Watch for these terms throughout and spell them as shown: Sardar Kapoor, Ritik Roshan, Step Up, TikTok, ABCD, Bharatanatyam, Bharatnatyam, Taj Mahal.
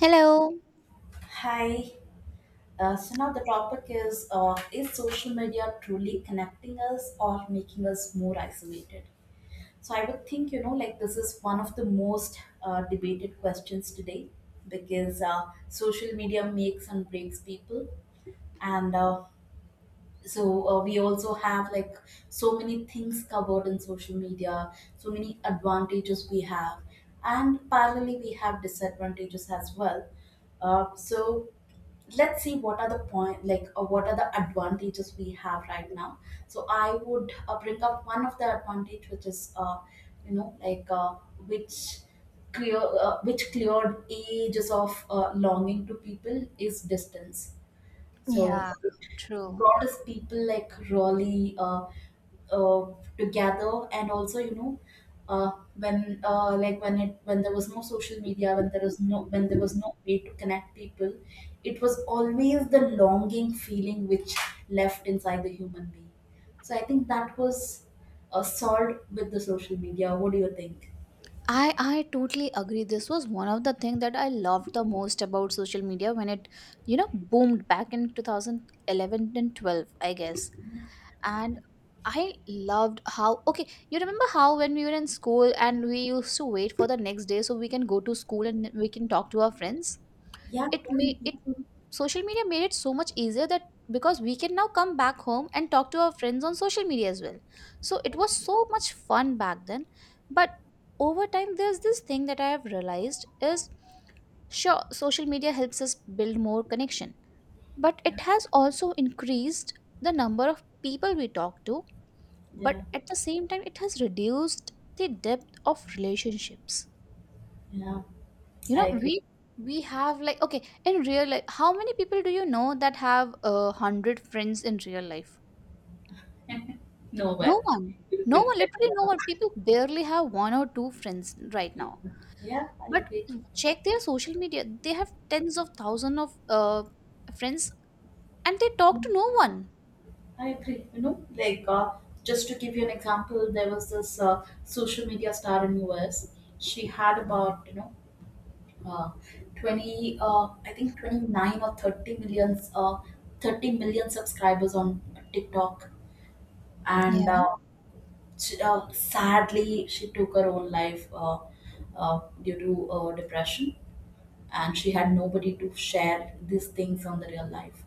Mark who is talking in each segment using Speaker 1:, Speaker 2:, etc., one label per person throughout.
Speaker 1: Hello.
Speaker 2: Hi. So now the topic is: is social media truly connecting us or making us more isolated? So I would think, you know, like this is one of the most debated questions today because social media makes and breaks people, and so we also have, like, so many things covered in social media, so many advantages we have, and parallelly we have disadvantages as well. So let's see what are the point, like, what are the advantages we have right now, so I would bring up one of the advantage which is like which which cleared ages of longing to people is distance. So
Speaker 1: Yeah,
Speaker 2: it
Speaker 1: true.
Speaker 2: brought us people like Raleigh uh, together, and also, you know, when like when it when there was no social media, when there was no way to connect people, it was always the longing feeling which left inside the human being. So I think that was solved with the social media. What do you think?
Speaker 1: I totally agree. This was one of the things that I loved the most about social media when it boomed back in 2011 and 12, I guess.
Speaker 2: Yeah.
Speaker 1: And I loved how, okay, you remember how when we were in school and we used to wait for the next day so we can go to school and we can talk to our friends?
Speaker 2: Yeah.
Speaker 1: It
Speaker 2: Yeah.
Speaker 1: may it social media made it so much easier that because we can now come back home and talk to our friends on social media as well. So it was so much fun back then, but over time there's this thing that I have realized is, sure, social media helps us build more connection, but
Speaker 2: Yeah.
Speaker 1: it has also increased the number of people we talk to, but
Speaker 2: Yeah.
Speaker 1: at the same time it has reduced the depth of relationships.
Speaker 2: Yeah.
Speaker 1: You
Speaker 2: I
Speaker 1: know,
Speaker 2: agree.
Speaker 1: we have like, okay, in real life how many people do you know that have a hundred friends in real life?
Speaker 2: No,
Speaker 1: No
Speaker 2: but
Speaker 1: one.
Speaker 2: you
Speaker 1: No
Speaker 2: could
Speaker 1: one.
Speaker 2: tell.
Speaker 1: Literally no
Speaker 2: Yeah.
Speaker 1: one. People barely have one or two friends right now.
Speaker 2: Yeah, I
Speaker 1: But
Speaker 2: agree.
Speaker 1: check their social media, they have tens of thousands of uh, friends, and they talk to no one.
Speaker 2: I agree. You know, like, just to give you an example, there was this social media star in US. She had about, you know, uh, twenty, I think 29 or 30 million subscribers on TikTok, and
Speaker 1: Yeah,
Speaker 2: sadly, she took her own life due to depression, and she had nobody to share these things on the real life.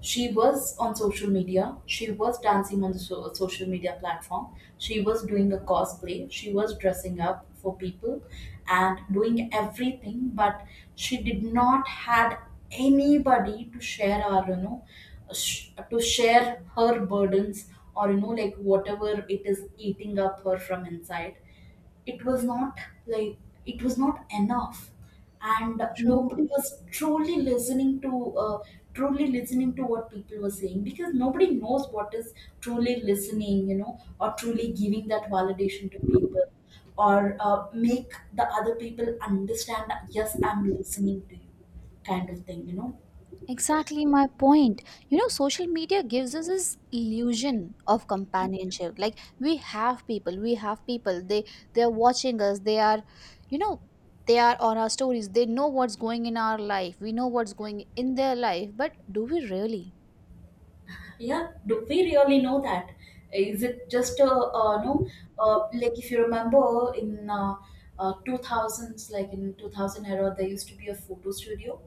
Speaker 2: She was on social media. She was dancing on the social media platform. She was doing a cosplay. She was dressing up for people and doing everything, but she did not had anybody to share her burdens, or, you know, like whatever it is eating up her from inside, it was not like it was not enough, and
Speaker 1: true.
Speaker 2: nobody was truly listening to what people were saying, because nobody knows what is truly listening, you know, or truly giving that validation to people, or make the other people understand that, yes, I'm listening to you, kind of thing, you know.
Speaker 1: Exactly my point. You know, social media gives us this illusion of companionship. Like we have people, we have people. They are watching us. They you know, are on our stories. They know what's going in our life. We know what's going in their life. But do we really?
Speaker 2: Yeah, do we really know that? Is it just a, no. Like if you remember in 2000s, like in 2000 era, there used to be a photo studio.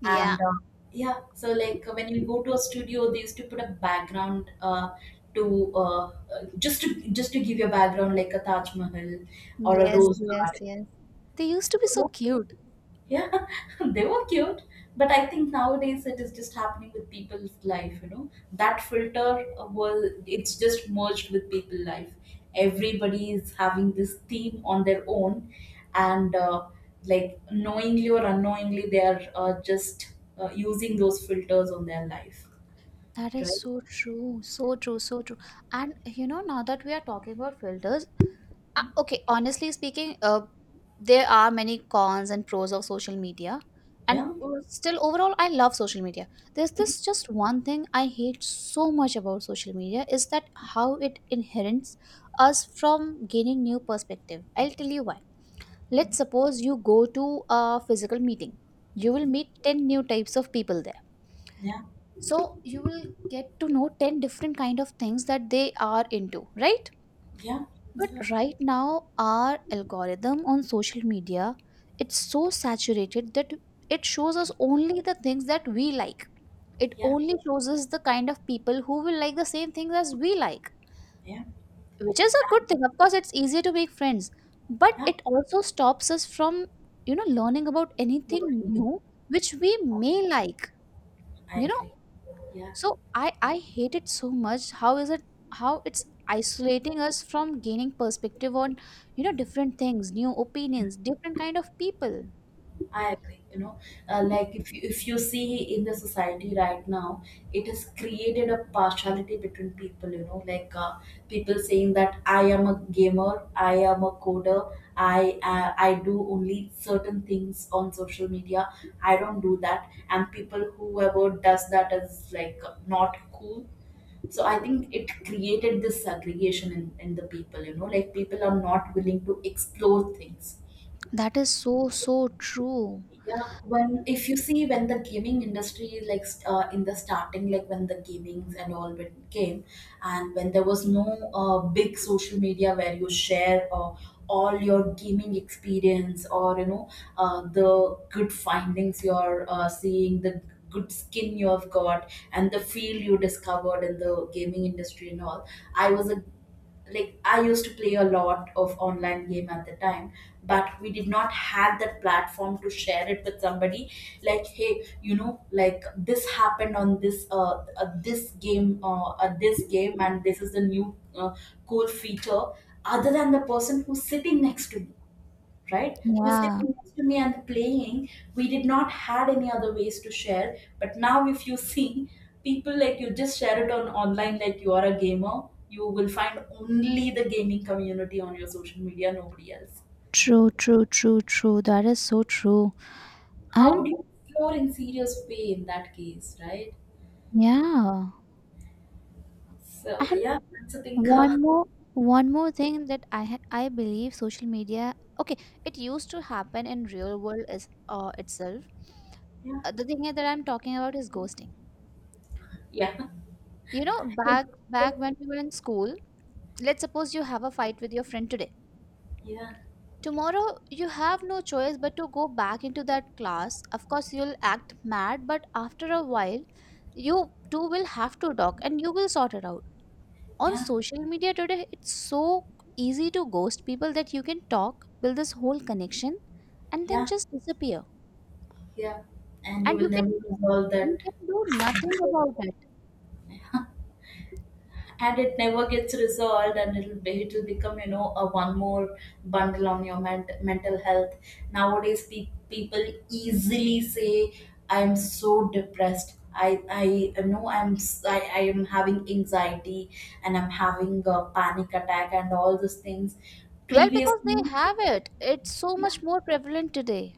Speaker 1: Yeah,
Speaker 2: And yeah, so, like, when you go to a studio, they used to put a background to just to just to give you a background, like a Taj Mahal or a
Speaker 1: yes,
Speaker 2: rose
Speaker 1: yes,
Speaker 2: garden.
Speaker 1: yes. They used to be so
Speaker 2: So
Speaker 1: cute.
Speaker 2: yeah, they were cute. But I think nowadays it is just happening with people's life, you know. That filter was it's just merged with people's life. Everybody is having this theme on their own, and like, knowingly or unknowingly, they are just using those filters on their life,
Speaker 1: That is
Speaker 2: right?
Speaker 1: so true, so true, so true. And you know, now that we are talking about filters, okay, honestly speaking, there are many cons and pros of social media. And
Speaker 2: Yeah,
Speaker 1: still, overall, I love social media. There's this just one thing I hate so much about social media is that how it inherits us from gaining new perspective. I'll tell you why. Let's suppose you go to a physical meeting. You will meet 10 new types of people there,
Speaker 2: yeah,
Speaker 1: so you will get to know 10 different kind of things that they are into, right?
Speaker 2: yeah,
Speaker 1: But
Speaker 2: yeah,
Speaker 1: right now our algorithm on social media, it's so saturated that it shows us only the things that we like. It
Speaker 2: yeah,
Speaker 1: only shows us the kind of people who will like the same things as we like,
Speaker 2: yeah.
Speaker 1: which is a good thing. Of course, it's easier to make friends, but
Speaker 2: Yeah.
Speaker 1: it also stops us from learning about anything new, which we may like
Speaker 2: I
Speaker 1: you know
Speaker 2: agree. Yeah.
Speaker 1: So I hate it so much. How is it? How it's isolating us from gaining perspective on different things, new
Speaker 2: Yeah.
Speaker 1: opinions, different kind of people.
Speaker 2: I agree. You know, like if you see in the society right now, it has created a partiality between people. You know, like, people saying that I am a gamer, I am a coder, I do only certain things on social media. I don't do that, and people whoever does that is like not cool. So I think it created this segregation in the people. You know, like, people are not willing to explore things.
Speaker 1: That is so so true.
Speaker 2: Yeah, when if you see, when the gaming industry is like in the starting, like when the gamings and all when came, and when there was no big social media where you share all your gaming experience, or you know, the good findings you're seeing, the good skin you have got and the field you discovered in the gaming industry and all. I was a like I used to play a lot of online game at the time, but we did not have that platform to share it with somebody, like, hey, you know, like, this happened on this game, and this is the new cool feature, other than the person who's sitting next to me, right, who's
Speaker 1: Yeah,
Speaker 2: sitting next to me and playing. We did not had any other ways to share, but now if you see, people, like, you just share it on online. Like, you are a gamer, you will find only the gaming community on your social media, nobody else.
Speaker 1: true, true, true, true. That is so true.
Speaker 2: How
Speaker 1: And
Speaker 2: would you explore in serious way in that case, right?
Speaker 1: yeah.
Speaker 2: So yeah, that's a thing.
Speaker 1: One more one more thing that I believe social media, okay, it used to happen in real world is itself.
Speaker 2: Yeah.
Speaker 1: The thing that I'm talking about is ghosting.
Speaker 2: Yeah.
Speaker 1: You know, back when we were in school, let's suppose you have a fight with your friend today.
Speaker 2: Yeah.
Speaker 1: Tomorrow you have no choice but to go back into that class. Of course, you'll act mad, but after a while, you two will have to talk and you will sort it out. On
Speaker 2: Yeah.
Speaker 1: social media today it's so easy to ghost people that you can talk, build this whole connection, and then
Speaker 2: Yeah.
Speaker 1: just disappear.
Speaker 2: Yeah. And you
Speaker 1: And you
Speaker 2: will
Speaker 1: can
Speaker 2: never resolve
Speaker 1: you
Speaker 2: that.
Speaker 1: can do nothing about it.
Speaker 2: And it never gets resolved, and it'll become, you know, a one more bundle on your mental health. Nowadays, people easily say I'm so depressed. I know I am having anxiety, and I'm having a panic attack and all those things
Speaker 1: Well, because
Speaker 2: previously.
Speaker 1: they have it, it's so much more prevalent today.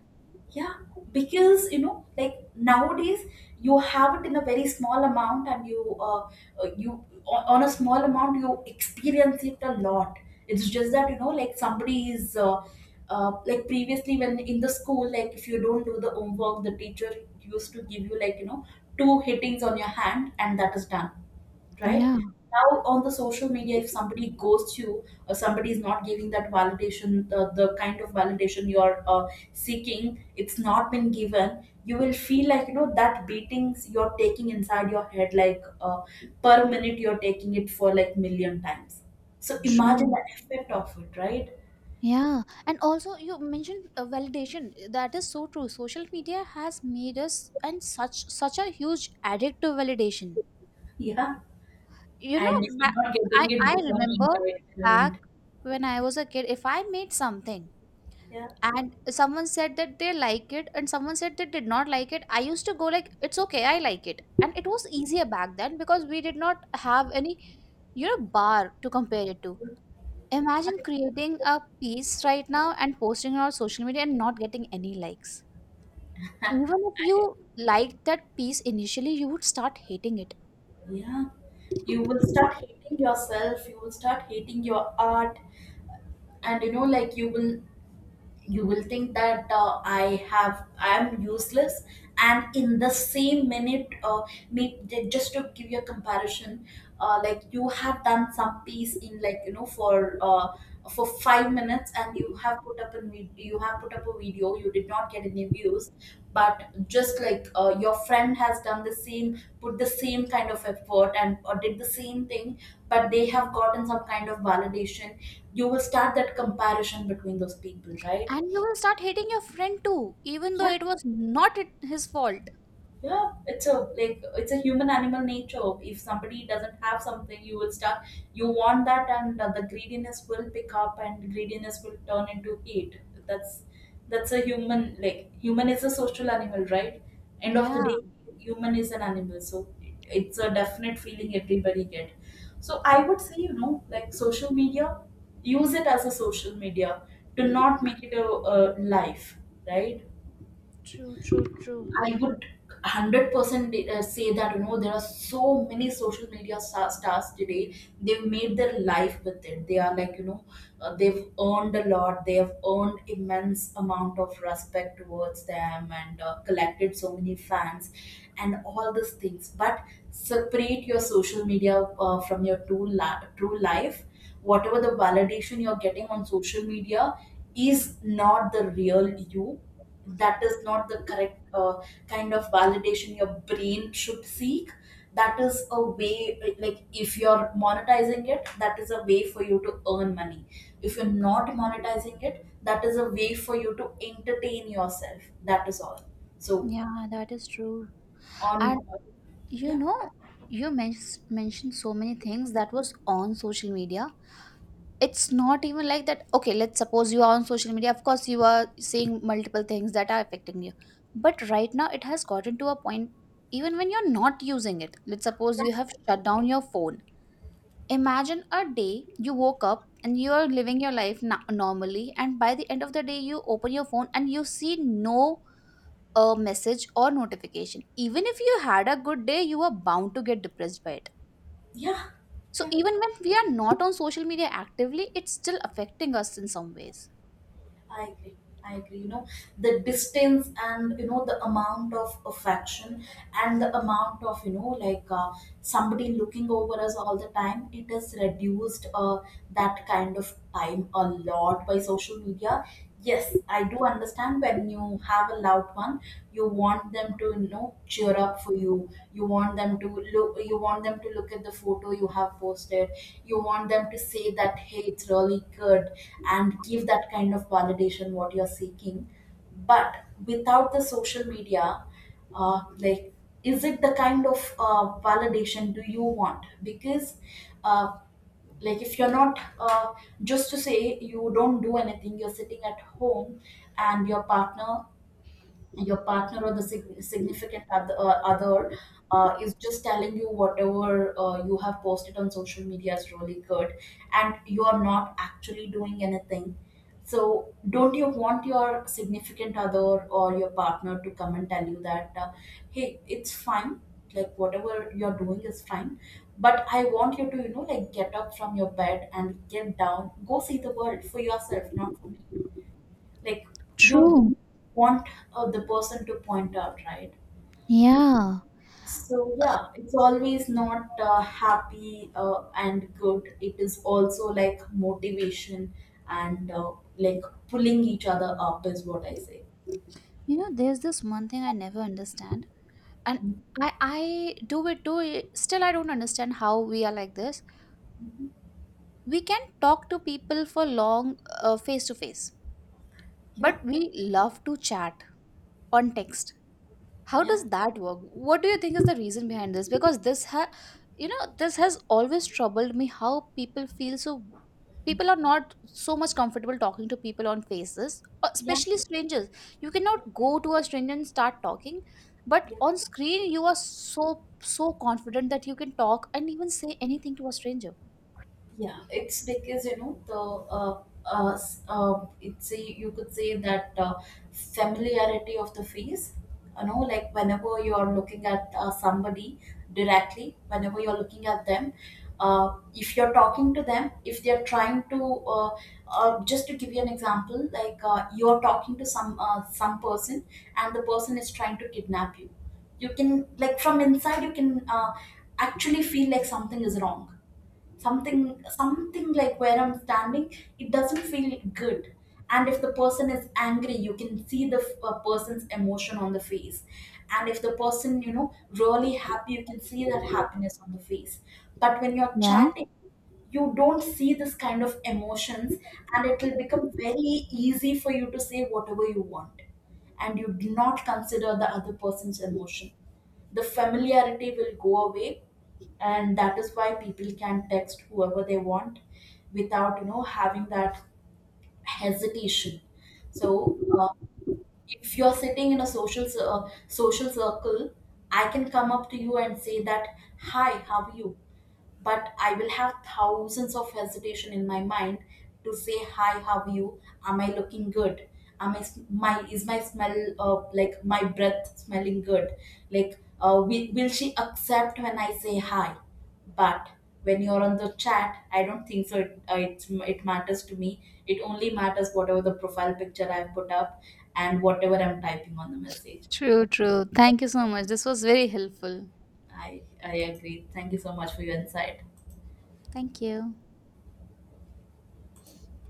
Speaker 2: Yeah, because, you know, like nowadays you have it in a very small amount, and you on a small amount you experience it a lot. It's just that, you know, like somebody is. Like previously when in the school, like if you don't do the homework, the teacher used to give you, like, you know, two hittings on your hand, and that is done, right?
Speaker 1: Yeah,
Speaker 2: Now on the social media, if somebody ghosts you or somebody is not giving that validation, the kind of validation you are seeking, it's not been given. You will feel like, you know, that beatings you're taking inside your head, like, per minute you're taking it for like million times. So imagine
Speaker 1: true.
Speaker 2: the effect of it, right?
Speaker 1: Yeah. And also you mentioned validation. That is so true. Social media has made us and such a huge addict to validation.
Speaker 2: Yeah,
Speaker 1: You know,
Speaker 2: and if
Speaker 1: ba
Speaker 2: you're not getting it,
Speaker 1: I
Speaker 2: become
Speaker 1: remember
Speaker 2: an
Speaker 1: back
Speaker 2: entitlement.
Speaker 1: when I was a kid, if I made something
Speaker 2: Yeah.
Speaker 1: and someone said that they like it and someone said they did not like it, I used to go like, it's okay, I like it. And it was easier back then because we did not have any bar to compare it to.
Speaker 2: I,
Speaker 1: Imagine creating a piece right now and posting it on social media and not getting any likes. Even if
Speaker 2: I
Speaker 1: you liked that piece initially, you would start hating it.
Speaker 2: Yeah, you will start hating yourself, you will start hating your art, and you know, like, you will think that I am useless, and in the same minute, just to give you a comparison, like you have done some piece in, like, you know, for 5 minutes, and you have put up a video, you did not get any views, but just like, your friend has done the same, put the same kind of effort and or did the same thing, but they have gotten some kind of validation, you will start that comparison between those people, right?
Speaker 1: And you will start hating your friend too, even though it
Speaker 2: Yeah.
Speaker 1: was not his fault.
Speaker 2: Yeah. It's a, human animal nature. If somebody doesn't have something, you will start. You want that, and the greediness will pick up, and greediness will turn into hate. That's that's a human, like human is a social animal, right? End of the
Speaker 1: Yeah.
Speaker 2: day, human is an animal, so it's a definite feeling everybody get. So I would say, you know, like, social media, use it as a social media. Do not make it a life, right?
Speaker 1: True, true,
Speaker 2: I
Speaker 1: true.
Speaker 2: would 100% say that, you know, there are so many social media stars today. They've made their life with it. They are, like, you know, they've earned a lot, they have earned immense amount of respect towards them, and collected so many fans and all these things, but separate your social media from your true life. Whatever the validation you're getting on social media is not the real you. That is not the correct, kind of validation your brain should seek. That is a way, like if you're monetizing it, that is a way for you to earn money. If you're not monetizing it, that is a way for you to entertain yourself. That is all. So
Speaker 1: Yeah, that is true.
Speaker 2: on.
Speaker 1: And you
Speaker 2: Yeah.
Speaker 1: know, you men- mentioned so many things that was on social media. It's not even like that. Okay, let's suppose you are on social media. Of course, you are seeing multiple things that are affecting you. But right now, it has gotten to a point, even when you're not using it. Let's suppose you have shut down your phone. Imagine a day you woke up and you are living your life normally, and by the end of the day, you open your phone and you see no message or notification. Even if you had a good day, you are bound to get depressed by it.
Speaker 2: Yeah.
Speaker 1: So,
Speaker 2: Yeah.
Speaker 1: even when we are not on social media actively, it's still affecting us in some ways.
Speaker 2: I agree. I agree, you know, the distance and, you know, the amount of affection, and the amount of, you know, like, somebody looking over us all the time, it is reduced that kind of time a lot by social media. Yes, I do understand when you have a loved one, you want them to, you know, cheer up for you. You want them to look. You want them to look at the photo you have posted. You want them to say that, hey, it's really good, and give that kind of validation what you're seeking. But without the social media, like, is it the kind of validation do you want? Because uh, like if you're not, just to say you don't do anything, you're sitting at home, and your partner or the significant other, is just telling you whatever you have posted on social media is really good, and you are not actually doing anything. So don't you want your significant other or your partner to come and tell you that, hey, it's fine, like whatever you're doing is fine, but I want you to, you know, like, get up from your bed and get down, go see the world for yourself, not for me, like, you
Speaker 1: True.
Speaker 2: want, the person to point out, right?
Speaker 1: Yeah.
Speaker 2: So yeah, it's always not happy and good, it is also like motivation, and like pulling each other up is what I say.
Speaker 1: You know, there's this one thing I never understand, and I I do it too. Still, I don't understand how we are like this.
Speaker 2: Mhm.
Speaker 1: We can talk to people for long, face to face.
Speaker 2: Yeah.
Speaker 1: But we love to chat on text. How
Speaker 2: Yeah.
Speaker 1: does that work? What do you think is the reason behind this? Because this ha you know, this has always troubled me how people feel so people are not so much comfortable talking to people on faces,
Speaker 2: Yeah.
Speaker 1: especially strangers. You cannot go to a stranger and start talking, but
Speaker 2: Yeah.
Speaker 1: on screen you are so so confident that you can talk and even say anything to a stranger.
Speaker 2: Yeah, it's because, you know, the you could say that, familiarity of the face. You know, like whenever you are looking at somebody directly, whenever you are looking at them, if you're talking to them, if they're trying to, just to give you an example, like, you're talking to some person, and the person is trying to kidnap you, you can, like, from inside you can, actually feel like something is wrong, something like where I'm standing it doesn't feel good, and if the person is angry you can see the person's emotion on the face, and if the person, you know, really happy, you can see that happiness on the face. But when you're
Speaker 1: Yeah.
Speaker 2: chatting, you don't see this kind of emotions, and it will become very easy for you to say whatever you want, and you do not consider the other person's emotion. The familiarity will go away, and that is why people can text whoever they want without, you know, having that hesitation. So, if you're sitting in a social social circle, I can come up to you and say that, hi, how are you? But I will have thousands of hesitation in my mind to say hi, how are you? Am I looking good? Am I s- my is my smell, like, my breath smelling good? Like, will she accept when I say hi? But when you're on the chat, I don't think so. It matters to me. It only matters whatever the profile picture I've put up and whatever I'm typing on the message.
Speaker 1: True, true. Thank you so much. This was very helpful.
Speaker 2: I agree. Thank you so much for your insight.
Speaker 1: Thank you.